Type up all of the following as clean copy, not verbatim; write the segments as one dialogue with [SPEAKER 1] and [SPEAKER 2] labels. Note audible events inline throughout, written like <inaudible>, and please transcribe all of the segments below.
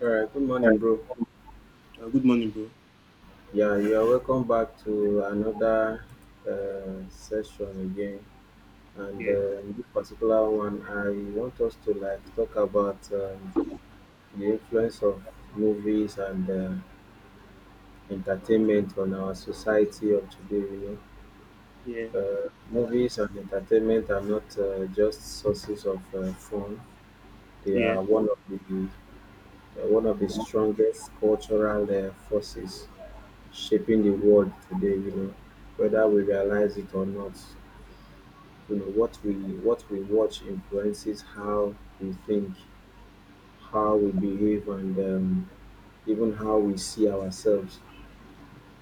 [SPEAKER 1] All right, good morning,
[SPEAKER 2] Hi.
[SPEAKER 1] bro.
[SPEAKER 2] Good morning, bro.
[SPEAKER 1] Yeah, you are welcome back to another session again. And
[SPEAKER 2] Yeah,
[SPEAKER 1] in this particular one, I want us to like talk about the influence of movies and entertainment on our society of today. You
[SPEAKER 2] yeah,
[SPEAKER 1] know, movies and entertainment are not just sources of fun; they
[SPEAKER 2] yeah,
[SPEAKER 1] are one of the strongest cultural forces shaping the world today, you know, whether we realize it or not. You know, what we watch influences how we think, how we behave, and even how we see ourselves.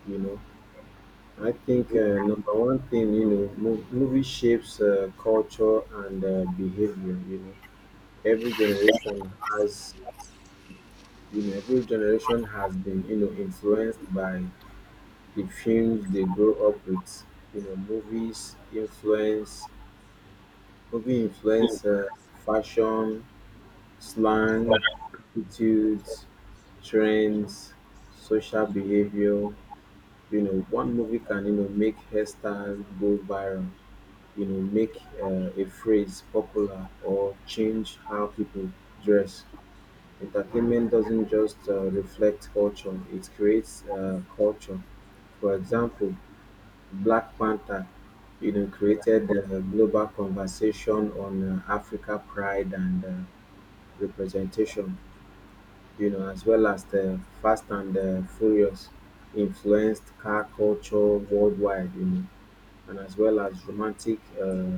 [SPEAKER 1] You know, I think number one thing, you know, movie shapes culture and behavior. You know, every generation has, every generation has been, you know, influenced by the films they grow up with. You know, movie influence fashion, slang, attitudes, trends, social behavior. You know, one movie can, you know, make hairstyle go viral. You know, make a phrase popular or change how people dress. Entertainment doesn't just reflect culture; it creates culture. For example, Black Panther, you know, created a global conversation on Africa pride and representation, you know, as well as the Fast and the Furious influenced car culture worldwide, you know, and as well as romantic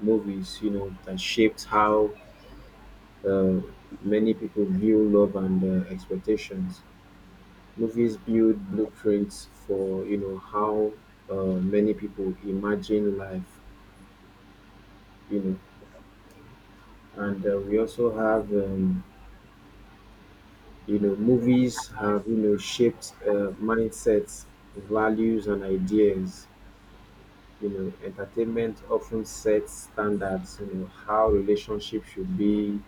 [SPEAKER 1] movies, you know, that shaped how uh, many people view love and expectations. Movies build blueprints for, you know, how many people imagine life, you know. And we also have you know, movies have, you know, shaped mindsets, values, and ideas. You know, entertainment often sets standards, you know, how relationships should be,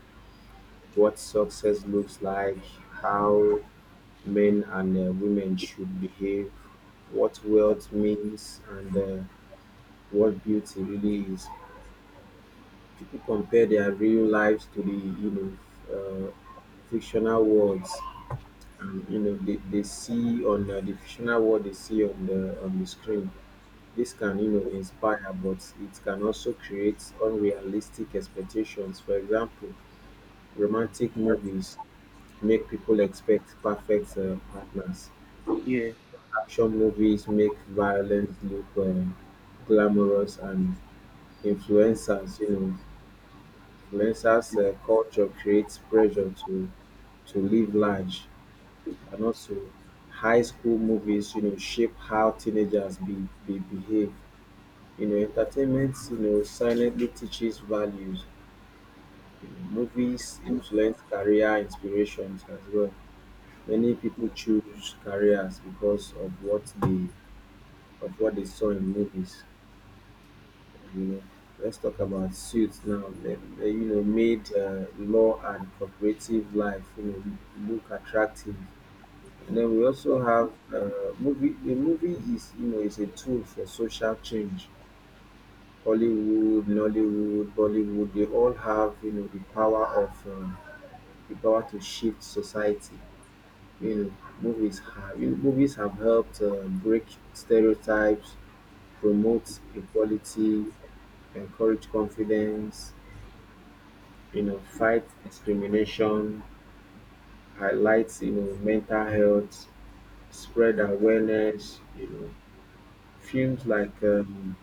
[SPEAKER 1] what success looks like, how men and women should behave, what wealth means, and what beauty really is. People compare their real lives to the, you know, fictional worlds, and you know, they see on the fictional world they see on the screen. This can, you know, inspire, but it can also create unrealistic expectations. For example, romantic movies make people expect perfect partners,
[SPEAKER 2] yeah,
[SPEAKER 1] action movies make violence look glamorous, and influencers you know influencers culture creates pressure to live large. And also, high school movies, you know, shape how teenagers be behave. You know, entertainment, you know, silently teaches values. You know, movies influence career inspirations as well. Many people choose careers because of what they saw in movies. You know, let's talk about suits now. You know, made law and cooperative life, you know, look attractive. And then we also have movie. The movie is, you know, is a tool for social change. Hollywood, Nollywood, Bollywood, they all have, you know, the power of, the power to shift society. You know, movies have helped break stereotypes, promote equality, encourage confidence. You know, fight discrimination, highlights, you know, mental health, spread awareness. You know, Films like um,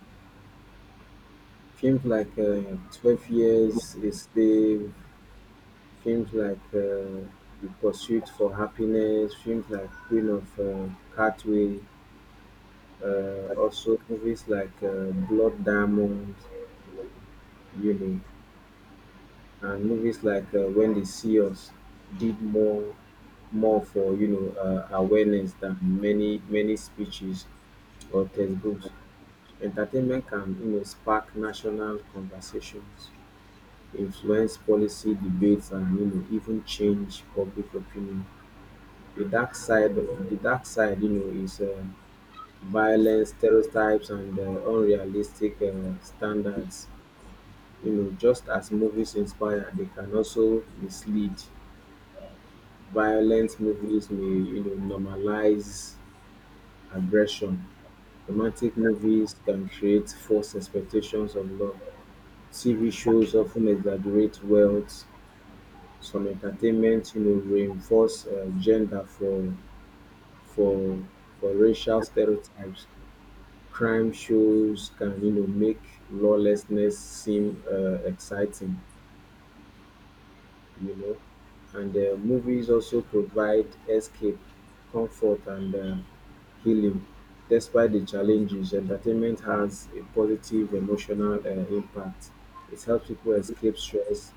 [SPEAKER 1] films like Twelve Years a Slave, films like The Pursuit for Happiness, films like Queen of Catway, also movies like Blood Diamond, you know, and movies like When They See Us did more for, you know, awareness than many many speeches or textbooks. Entertainment can, you know, spark national conversations, influence policy debates, and you know, even change public opinion. The dark side, you know, is violence, stereotypes, and unrealistic standards. You know, just as movies inspire, they can also mislead. Violent movies may, you know, normalize aggression. Romantic movies can create false expectations of love. TV shows often exaggerate wealth, some entertainment, you know, reinforce gender for for racial stereotypes. Crime shows can, you know, make lawlessness seem exciting, you know. And movies also provide escape, comfort, and healing. Despite the challenges, entertainment has a positive emotional impact. It helps people escape stress,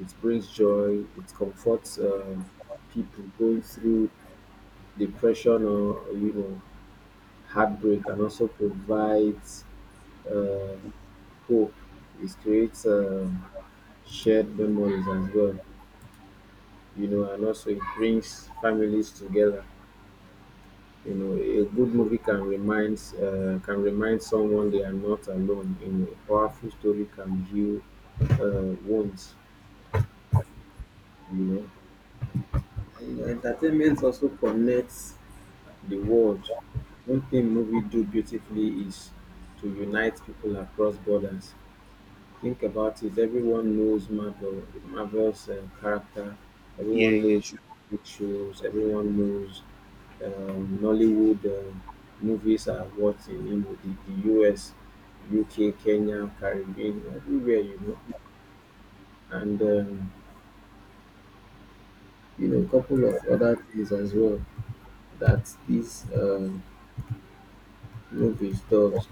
[SPEAKER 1] it brings joy, it comforts people going through depression or, you know, heartbreak, and also provides uh, hope. It creates shared memories as well, you know, and also it brings families together. You know, a good movie can remind someone they are not alone. You know, a powerful story can heal wounds, you know. You know, entertainment also connects the world. One thing movie do beautifully is to unite people across borders. Think about it, everyone knows Marvel, Marvel's character.
[SPEAKER 2] yeah,
[SPEAKER 1] Everyone
[SPEAKER 2] yeah,
[SPEAKER 1] knows
[SPEAKER 2] sure.
[SPEAKER 1] big shows. Everyone knows Nollywood movies are what in, you know, the US, UK, Kenya, Caribbean, everywhere, you know. And you know, a couple of other things as well that these movies does.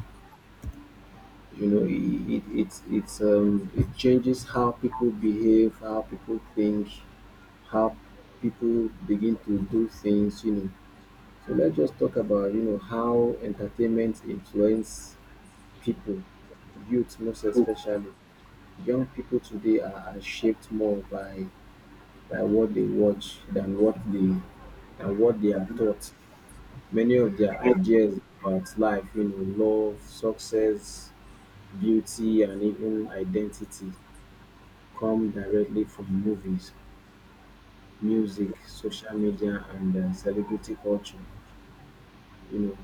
[SPEAKER 1] You know, it's it changes how people behave, how people think, how people begin to do things, you know. So let's just talk about, you know, how entertainment influence people, youth most especially. Young people today are shaped more by what they watch than what they are taught. Many of their
[SPEAKER 2] Okay.
[SPEAKER 1] ideas about life, you know, love, success, beauty, and even identity come directly from movies, music, social media, and celebrity culture. You know,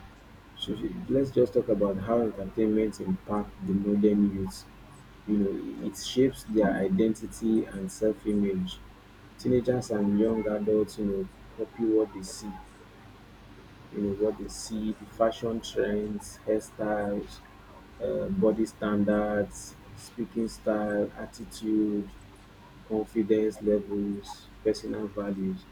[SPEAKER 1] so let's just talk about how entertainment impact the modern youth. You know, it shapes their identity and self-image. Teenagers and young adults, you know, copy what they see. You know, what they see, the fashion trends, hairstyles, body standards, speaking style, attitude, confidence levels, personal values.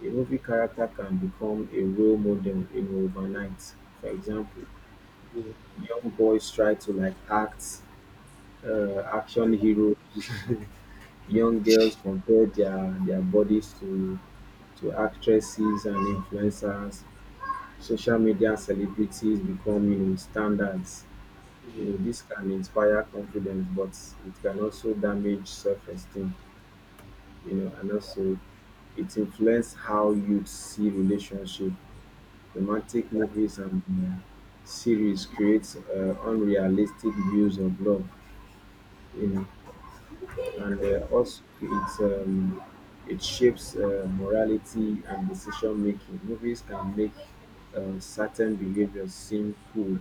[SPEAKER 1] A movie character can become a role model, you know, overnight. For example,
[SPEAKER 2] Yeah,
[SPEAKER 1] young boys try to like act action heroes. <laughs> Young girls compare their bodies to actresses and influencers. Social media celebrities become, you know, standards. You know, this can inspire confidence, but it can also damage self-esteem. You know, and also it influences how youth see relationship. Romantic movies and series creates unrealistic views of love. You know, and also it's, it shapes morality and decision making. Movies can make certain behaviors seem cool,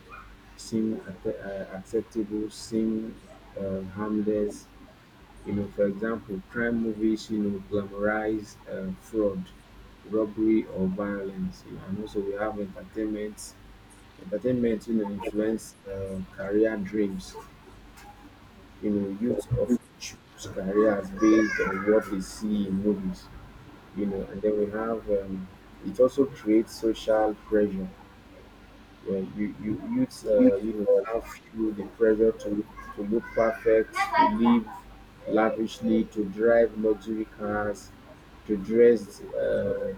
[SPEAKER 1] seem acceptable, seem harmless. You know, for example, crime movies, you know, glamorize fraud, robbery, or violence. You know, and also we have entertainment. Entertainment, you know, influence career dreams, you know, youth of choose careers based on what they see in movies, you know. And then we have it also creates social pressure. Yeah, you youth,
[SPEAKER 2] yeah,
[SPEAKER 1] you know, have feel the pressure to look perfect, to live lavishly, to drive luxury cars, to dress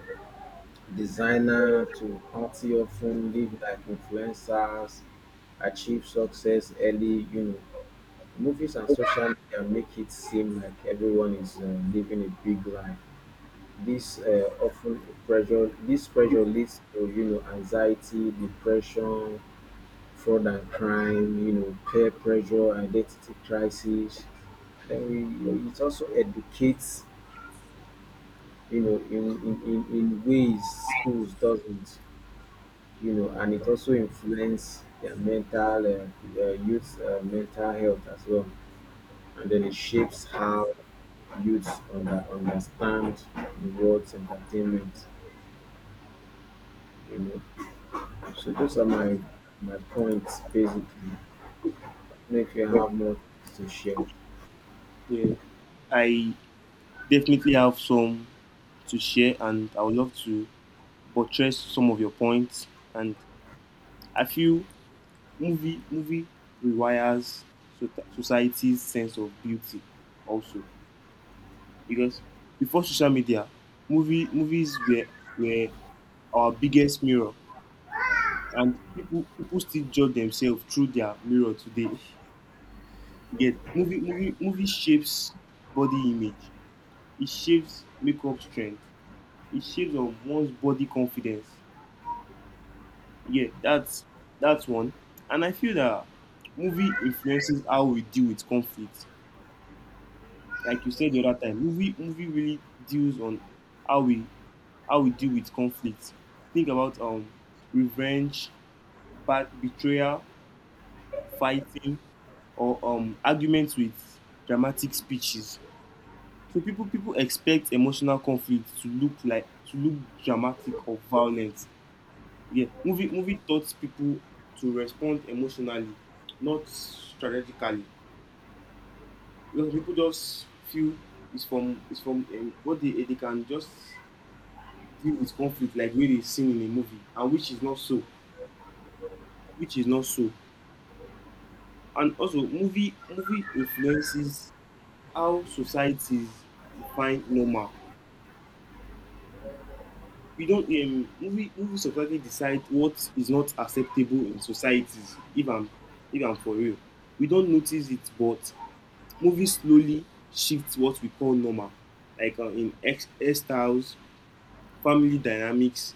[SPEAKER 1] designer, to party often, live like influencers, achieve success early, you know. Movies and social media make it seem like everyone is living a big life. This often pressure. This pressure leads to, you know, anxiety, depression, fraud and crime. You know, peer pressure, identity crisis. Then we, you know, it also educates, you know, in ways schools doesn't, you know. And it also influences their mental health as well. And then it shapes how youths understand the world's entertainment. You know, so those are my points basically. I don't know if you have more to share.
[SPEAKER 2] yeah. I definitely have some to share, and I would love to buttress some of your points. And I feel movie rewires society's sense of beauty, also because before social media, movies were our biggest mirror, and people still judge themselves through their mirror today. <laughs> You get movie shapes body image. It shapes makeup strength. It shapes on one's body confidence. Yeah, that's one. And I feel that movie influences how we deal with conflict. Like you said the other time, movie really deals on how we how we deal with conflict. Think about revenge, bad betrayal, fighting, or arguments with dramatic speeches. So people expect emotional conflict to look like, to look dramatic or violent. Yeah, movie taught people to respond emotionally, not strategically. You know, people just feel it's from what they can just deal with conflict like way they seen in a movie, and which is not so. And also, movie influences how societies define normal. We don't Movies automatically decide what is not acceptable in societies. If I'm for real, we don't notice it, but movies slowly shift what we call normal, like hairstyles, family dynamics,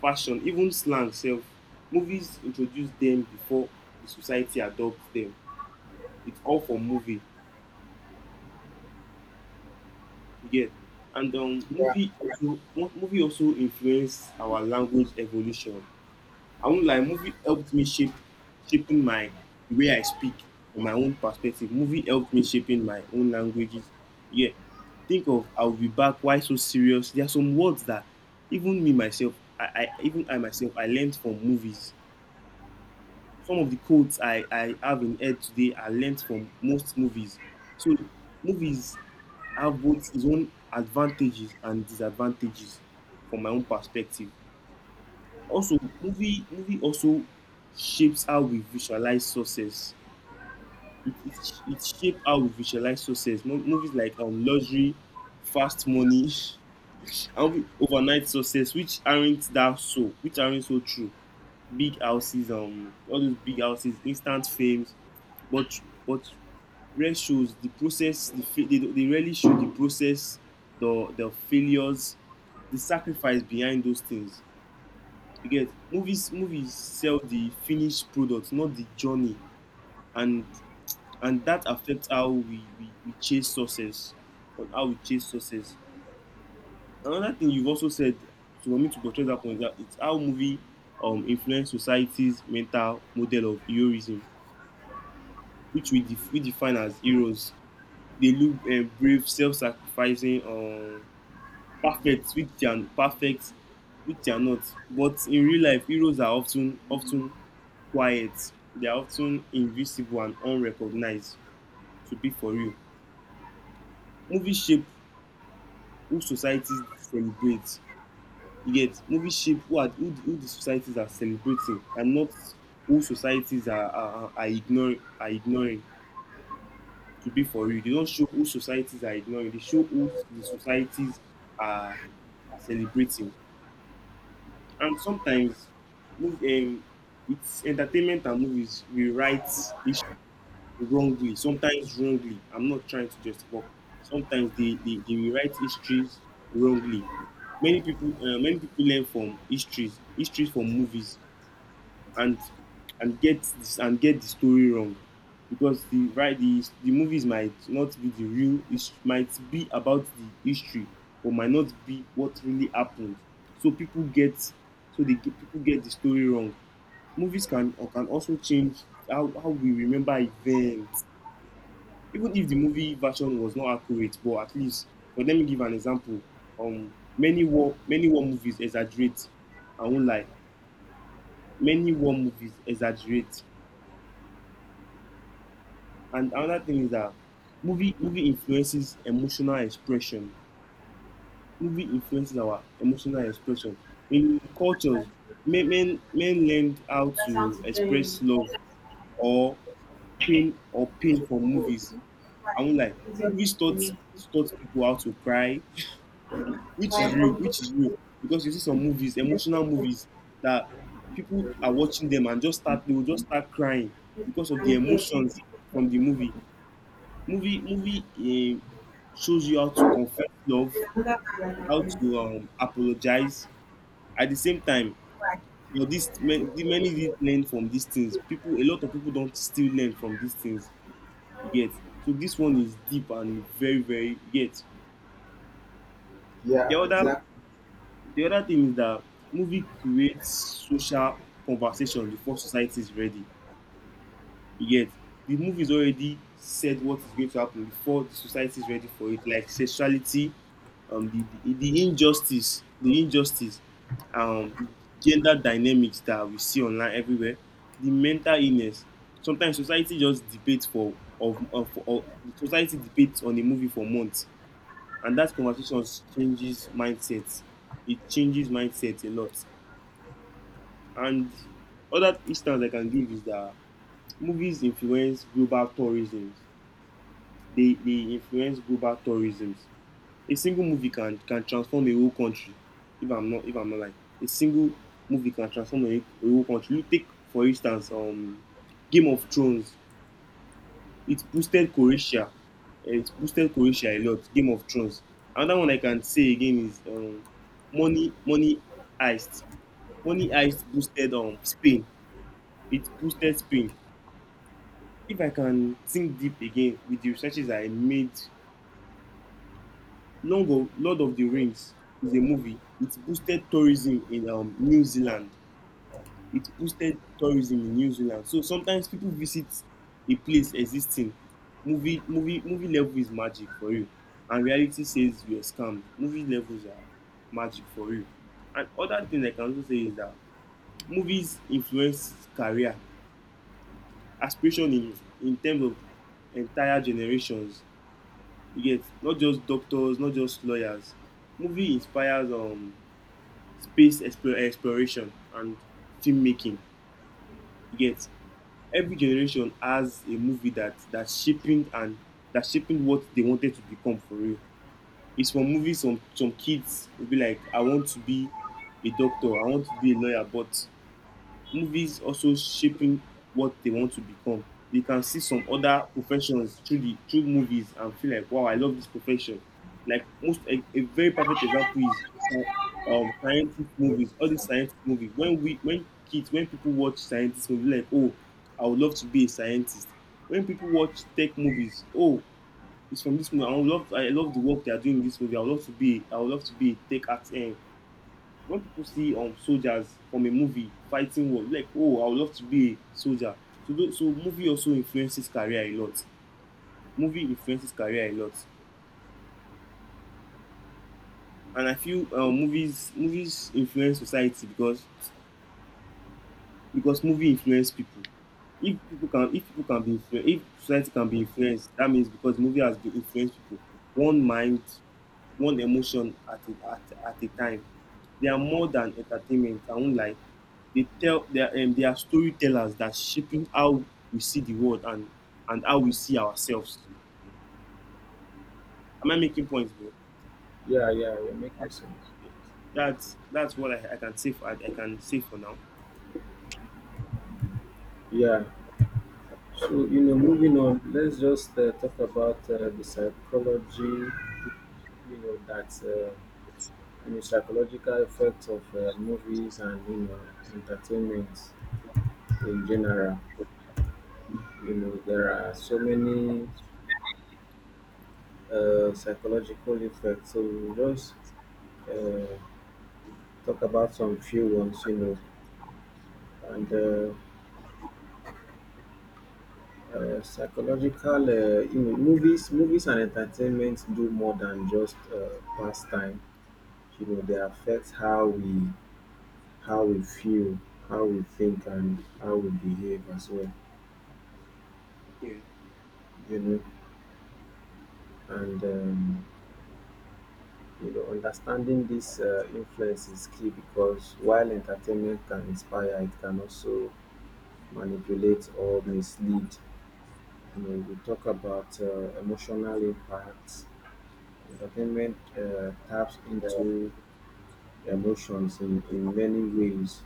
[SPEAKER 2] fashion, even slang. Self Movies introduce them before the society adopts them. It's all for movie, you get? And
[SPEAKER 1] Yeah.
[SPEAKER 2] movie also influence our language evolution. I won't lie, movie helped me shape shaping my the way I speak from my own perspective. Movie helped me shaping my own languages. Yeah. Think of I'll be back, why so serious? There are some words that even me myself, I even I myself I learned from movies. Some of the quotes I have in head today are learned from most movies. So movies have both its own advantages and disadvantages from my own perspective. Also, movie also shapes how we visualize success. It it it shape how we visualize success. Mo Movies like Luxury, Fast Money <laughs> and we Overnight Success, which aren't so true. Big houses, all those big houses, instant fames, but rare shows the process the fa they don't- they rarely show the process, the failures, the sacrifice behind those things. You get, movies sell the finished product, not the journey, and that affects how we chase success, or how we chase success. Another thing you've also said to want me to portray that point is that it's how movie influence society's mental model of heroism, which we define as heroes. They look brave, self-sacrificing, perfect, which they are not. But in real life, heroes are often quiet. They are often invisible and unrecognized, to be for real. Movies shape who societies celebrate. Yet, movies shape who the societies are celebrating and not who societies are, ignoring, to be for real. They don't show who societies are ignoring, they show who the societies are, are celebrating. And sometimes, move, um, it's entertainment and movies rewrite history wrongly, sometimes wrongly. I'm not trying to just, but sometimes they rewrite histories wrongly. Many people, learn from histories, histories from movies, and get this and get the story wrong, because the right the movies might not be the real. It might be about the history, or might not be what really happened. So people get the story wrong. Movies can also change how we remember events even if the movie version was not accurate, but at least, but let me give an example. Many war movies exaggerate. I won't lie. Many war movies exaggerate. And another thing is that movie influences emotional expression. Movie influences our emotional expression. In cultures, men learned how
[SPEAKER 1] That sounds
[SPEAKER 2] to
[SPEAKER 1] to join in.
[SPEAKER 2] express love or pain from movies. I
[SPEAKER 1] Why?
[SPEAKER 2] won't lie.
[SPEAKER 1] Is your
[SPEAKER 2] Movies
[SPEAKER 1] company?
[SPEAKER 2] taught people how to cry,
[SPEAKER 1] Why from good
[SPEAKER 2] which is real. Because you see some movies,
[SPEAKER 1] your
[SPEAKER 2] emotional movies, that people are watching them and they will just start crying
[SPEAKER 1] head?
[SPEAKER 2] because of
[SPEAKER 1] And
[SPEAKER 2] the
[SPEAKER 1] again,
[SPEAKER 2] emotions from the movie. Movie shows you how to confess love,
[SPEAKER 1] there's another man
[SPEAKER 2] how
[SPEAKER 1] like this.
[SPEAKER 2] to apologize. At the same time,
[SPEAKER 1] Why?
[SPEAKER 2] you know, the many did learn from these things. People, a lot of people don't still learn from these things. You get, so this one is deep and very, very, you get. The
[SPEAKER 1] Yeah,
[SPEAKER 2] other
[SPEAKER 1] exactly.
[SPEAKER 2] The other thing is that movie creates social conversation before society is ready. Yet the movie is already said what is going to happen before the society is ready for it, like sexuality, the injustice, um, gender dynamics that we see online everywhere, the mental illness. Sometimes society just debates for of society debates on a movie for months, and that conversation changes mindsets. It changes mindsets a lot. And other instance I can give is that movies influence global tourism. They influence global tourism. A single movie can transform a whole country. If I'm not lying, a single movie can transform a whole country. You take for instance Game of Thrones. It boosted Croatia. Eh, it boosted Croatia a lot. Game of Thrones. Another one I can say again is Money Heist. Money Heist boosted Spain. It boosted Spain. If I can think deep again with the researches I made, Lord of the Rings is a movie. It boosted tourism in New Zealand. It boosted tourism in New Zealand. So sometimes people visit a place existing. Movie level is magic for you. And reality says you are scammed. Movie levels are magic for you. And other thing I can also say is that movies influence career aspiration in terms of entire generations. You get, not just doctors, not just lawyers. Movie inspires exploration and filmmaking. You get, every generation has a movie that shaping what they wanted to become for real. It's from movies. Some kids will be like, I want to be a doctor, I want to be a lawyer, but movies also shaping what they want to become. They can see some other professions through the through movies and feel like, wow, I love this profession. Like most, a very perfect example is scientific movies, all these scientific movies. When kids, when people watch scientist movies, like, oh, I would love to be a scientist. When people watch tech movies, oh, it's from this movie. I love the work they are doing in this movie. I would love to be a tech art eh, when people see soldiers from a movie fighting war, like, oh, I would love to be a soldier. So movie also influences career a lot. Movie influences career a lot. And I feel movies influence society because movie influence people. If people can, if society can be influenced, that means because movie has been influenced people, one mind, one emotion at at a time. They are more than entertainment, I won't lie. They are, they are storytellers that shaping how we see the world, and how we see ourselves. Am I making points, bro?
[SPEAKER 1] Yeah, yeah, you're making sense.
[SPEAKER 2] That's what I can say for, I can say for now.
[SPEAKER 1] Yeah, so, you know, moving on, let's just talk about the psychology, you know, psychological effects of movies and, you know, entertainment in general. You know, there are so many psychological effects. So, we'll just uh, talk about some few ones, you know. And psychological, you know, movies, movies and entertainment do more than just pastime. You know, they affect how we feel, how we think, and how we behave as well,
[SPEAKER 2] Yeah.
[SPEAKER 1] you know. And you know, understanding this influence is key because while entertainment can inspire, it can also manipulate or mislead. You know, we talk about emotional impacts. Entertainment taps into emotions in many ways,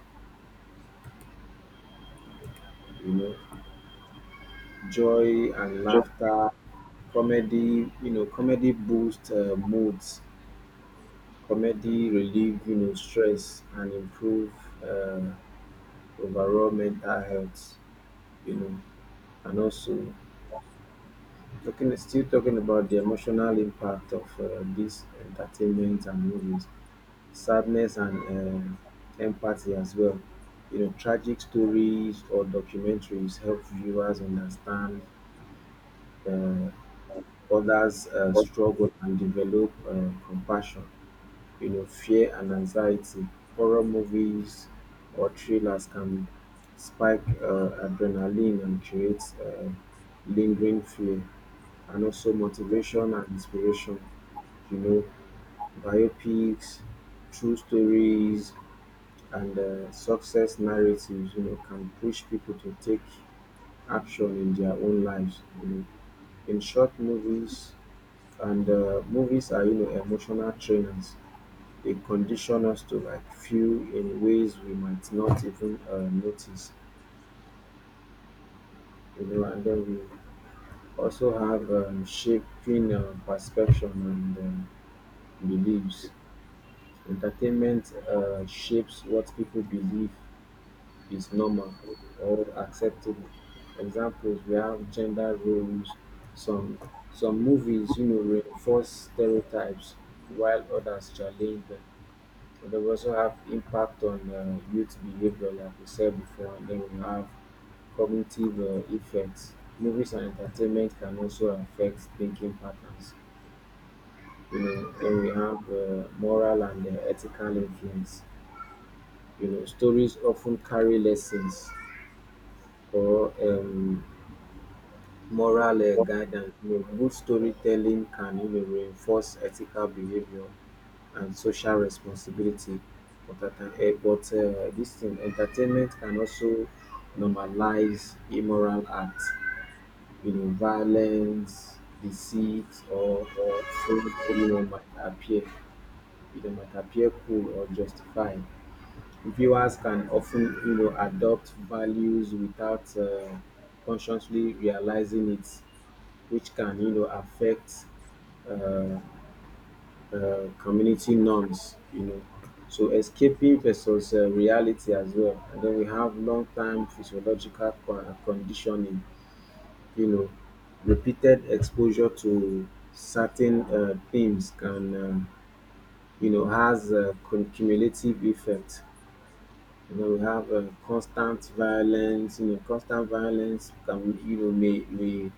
[SPEAKER 1] you know, joy and
[SPEAKER 2] Yeah.
[SPEAKER 1] laughter, comedy, you know, comedy boosts moods. Comedy relieve, you know, stress and improve uh, overall mental health. You know, and also talking about the emotional impact of this entertainment and movies, sadness and empathy as well. You know, tragic stories or documentaries help viewers understand uh, others' struggle and develop compassion, you know, fear and anxiety. Horror movies or thrillers can spike adrenaline and create lingering fear, and also motivation and inspiration, you know, biopics, true stories, and success narratives, you know, can push people to take action in their own lives, you know. In short, movies and movies are, you know, emotional trainers. They condition us to like feel in ways we might not even notice, you know. And then we also have shaping perception and beliefs. Entertainment shapes what people believe is normal or acceptable. Examples, we have gender roles. Some some movies, you know, reinforce stereotypes while others challenge them. But we also have impact on youth behavior, like we said before, and then we have cognitive effects. Movies and entertainment can also affect thinking patterns. You know, then we have moral and ethical influence. You know, stories often carry lessons or moral guidance. You know, good storytelling can, you know, reinforce ethical behavior and social responsibility important, but this thing entertainment can also normalize immoral acts, you know, violence, deceit, or fraud, you know might appear you know, might appear cool or justified. Viewers can often, you know, adopt values without consciously realizing it, which can, you know, affect uh, community norms, you know. So escaping versus reality as well. And then we have long-term physiological conditioning, you know, repeated exposure to certain themes can, you know, has a cumulative effect. You know, we have constant violence. You know, constant violence can, you know, may,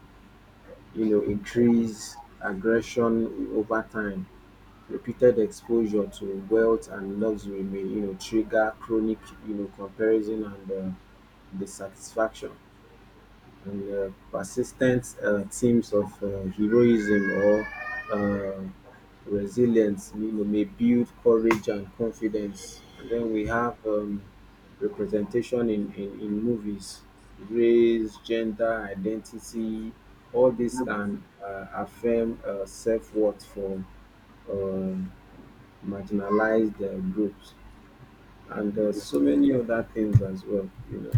[SPEAKER 1] you know, increase aggression over time. Repeated exposure to wealth and luxury may, you know, trigger chronic, you know, comparison and dissatisfaction, and persistent themes of heroism or uh, resilience, you know, may build courage and confidence. And then we have representation in, in movies, race, gender identity, all this can affirm self-worth for uh, marginalized groups, and so many other things as well. You know,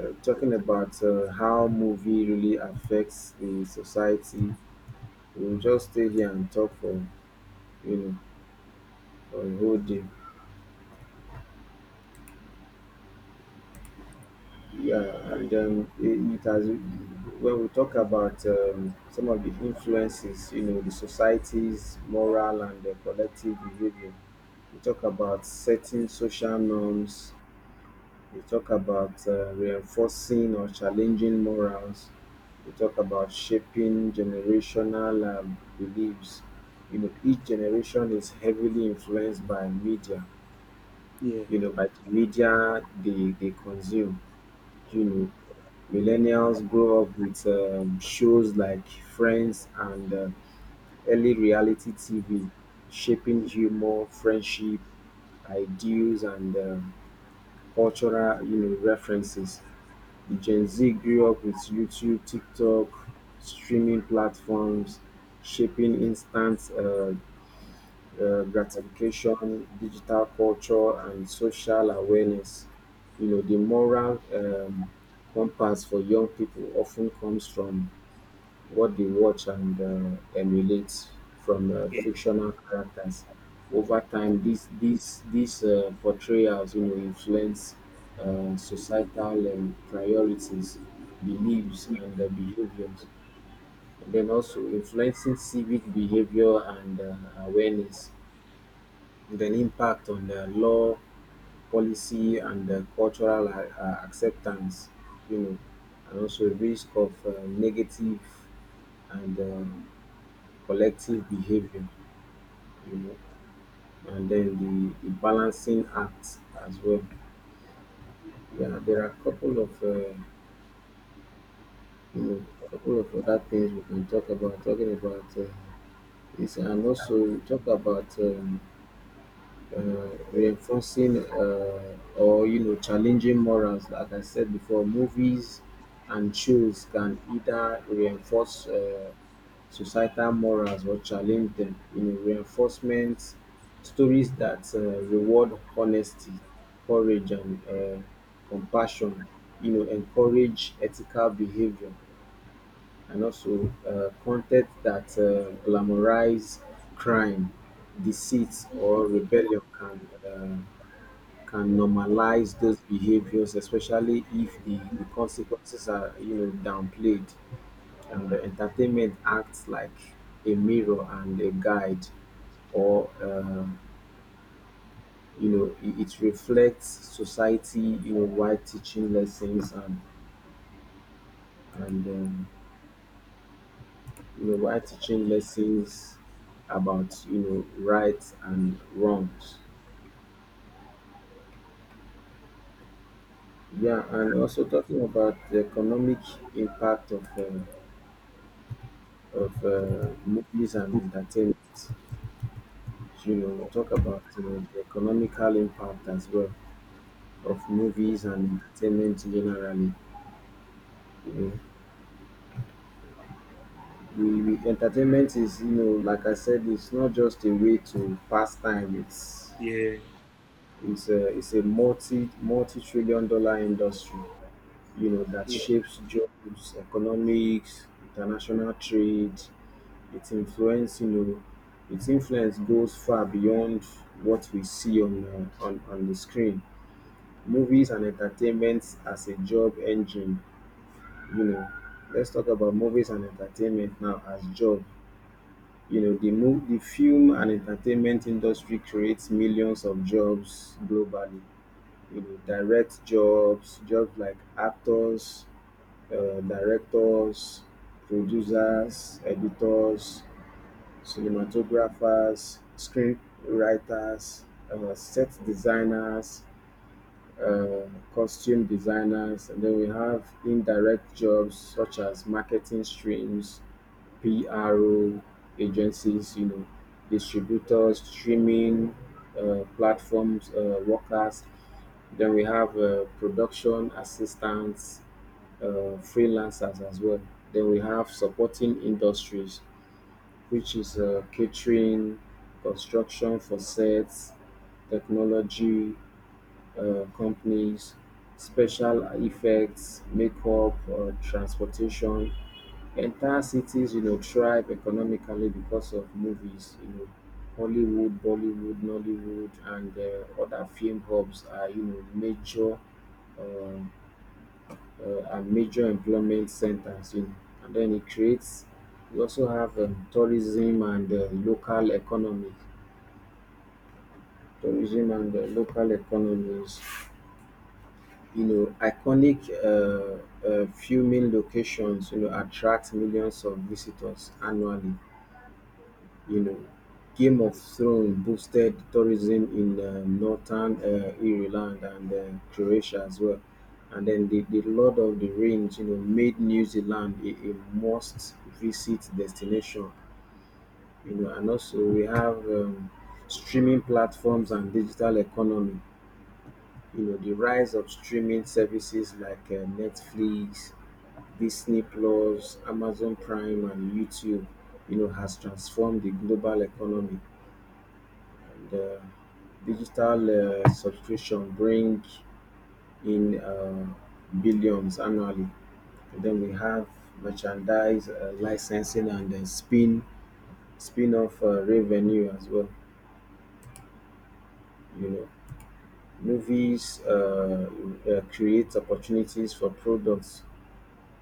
[SPEAKER 1] talking about how movie really affects the society, we'll just stay here and talk for, you know, for a whole day. Yeah, and then it has, when we talk about some of the influences, you know, the society's moral and the collective behavior. We talk about setting social norms. We talk about reinforcing or challenging morals. We talk about shaping generational beliefs. You know, each generation is heavily influenced by media.
[SPEAKER 2] Yeah.
[SPEAKER 1] You know, by the media they consume. You know, millennials grow up with shows like Friends and early reality TV, shaping humor, friendship, ideals, and um, cultural, you know, references. The Gen Z grew up with YouTube, TikTok, streaming platforms, shaping instant gratification, digital culture, and social awareness. You know, the moral compass for young people often comes from what they watch and emulate from fictional characters. Over time, these portrayals, you know, influence societal priorities, beliefs, and behaviors, and then also influencing civic behavior and awareness, and then impact on the law, policy, and cultural acceptance, you know, and also risk of negative and collective behavior, you know, and then the balancing act as well. Yeah, there are a couple of you know, couple of other things we can talk about. Talking about this, and also we talk about reinforcing or, you know, challenging morals. Like I said before, movies and shows can either reinforce societal morals or challenge them. You know, reinforcement stories that reward honesty, courage, and compassion, you know, encourage ethical behavior, and also content that glamorize crime, deceit, or rebellion can. Can normalize those behaviors, especially if the consequences are, you know, downplayed, and the entertainment acts like a mirror and a guide, or you know, it reflects society, you know, while teaching lessons, and and um, you know, while teaching lessons about, you know, rights and wrongs. Yeah, and also talking about the economic impact of movies and entertainment, you know, talk about, you know, the economical impact as well of movies and entertainment generally. You know, entertainment is, you know, like I said, it's not just a way to pass time. It's
[SPEAKER 2] Yeah.
[SPEAKER 1] it's a it's a multi trillion-dollar industry, you know, that
[SPEAKER 2] Yeah.
[SPEAKER 1] shapes jobs, economics, international trade. Its influence, you know, its influence goes far beyond what we see on the screen. Movies and entertainment as a job engine, you know, let's talk about movies and entertainment now as job. You know, the film and entertainment industry creates millions of jobs globally. You know, direct jobs like actors, directors, producers, editors, cinematographers, screenwriters, set designers, uh, costume designers. And then we have indirect jobs such as marketing streams, PRO agencies, you know, distributors, streaming platforms, workers. Then we have production assistants, freelancers as well. Then we have supporting industries, which is catering, construction for sets, technology companies, special effects, makeup, transportation. Entire cities, you know, thrive economically because of movies, you know. Hollywood, Bollywood, Nollywood, and other film hubs are, you know, major um, are major employment centers, you know, and then it creates, we also have tourism and local economy, tourism and local economies, you know, iconic filming locations, you know, attract millions of visitors annually. You know, Game of Thrones boosted tourism in northern Ireland and Croatia as well. And then the Lord of the Rings, you know, made New Zealand a must visit destination, you know. And also we have streaming platforms and digital economy. You know, the rise of streaming services like Netflix, Disney Plus, Amazon Prime, and YouTube, you know, has transformed the global economy, and digital subscription bring in billions annually. And then we have merchandise, licensing, and then spin off revenue as well. You know, movies create opportunities for products,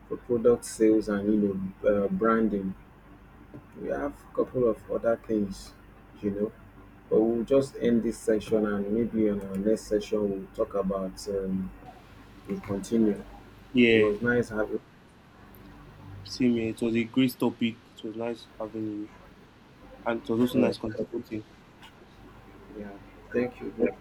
[SPEAKER 1] for product sales and, you know, branding. We have a couple of other things, you know. But we'll just end this section, and maybe on our next session we'll talk about we continue. It
[SPEAKER 2] Yeah.
[SPEAKER 1] was nice having you.
[SPEAKER 2] Same here. It was a great topic. It was nice having you. And it was also
[SPEAKER 1] All right.
[SPEAKER 2] nice contributing.
[SPEAKER 1] Yeah. Thank you, bro.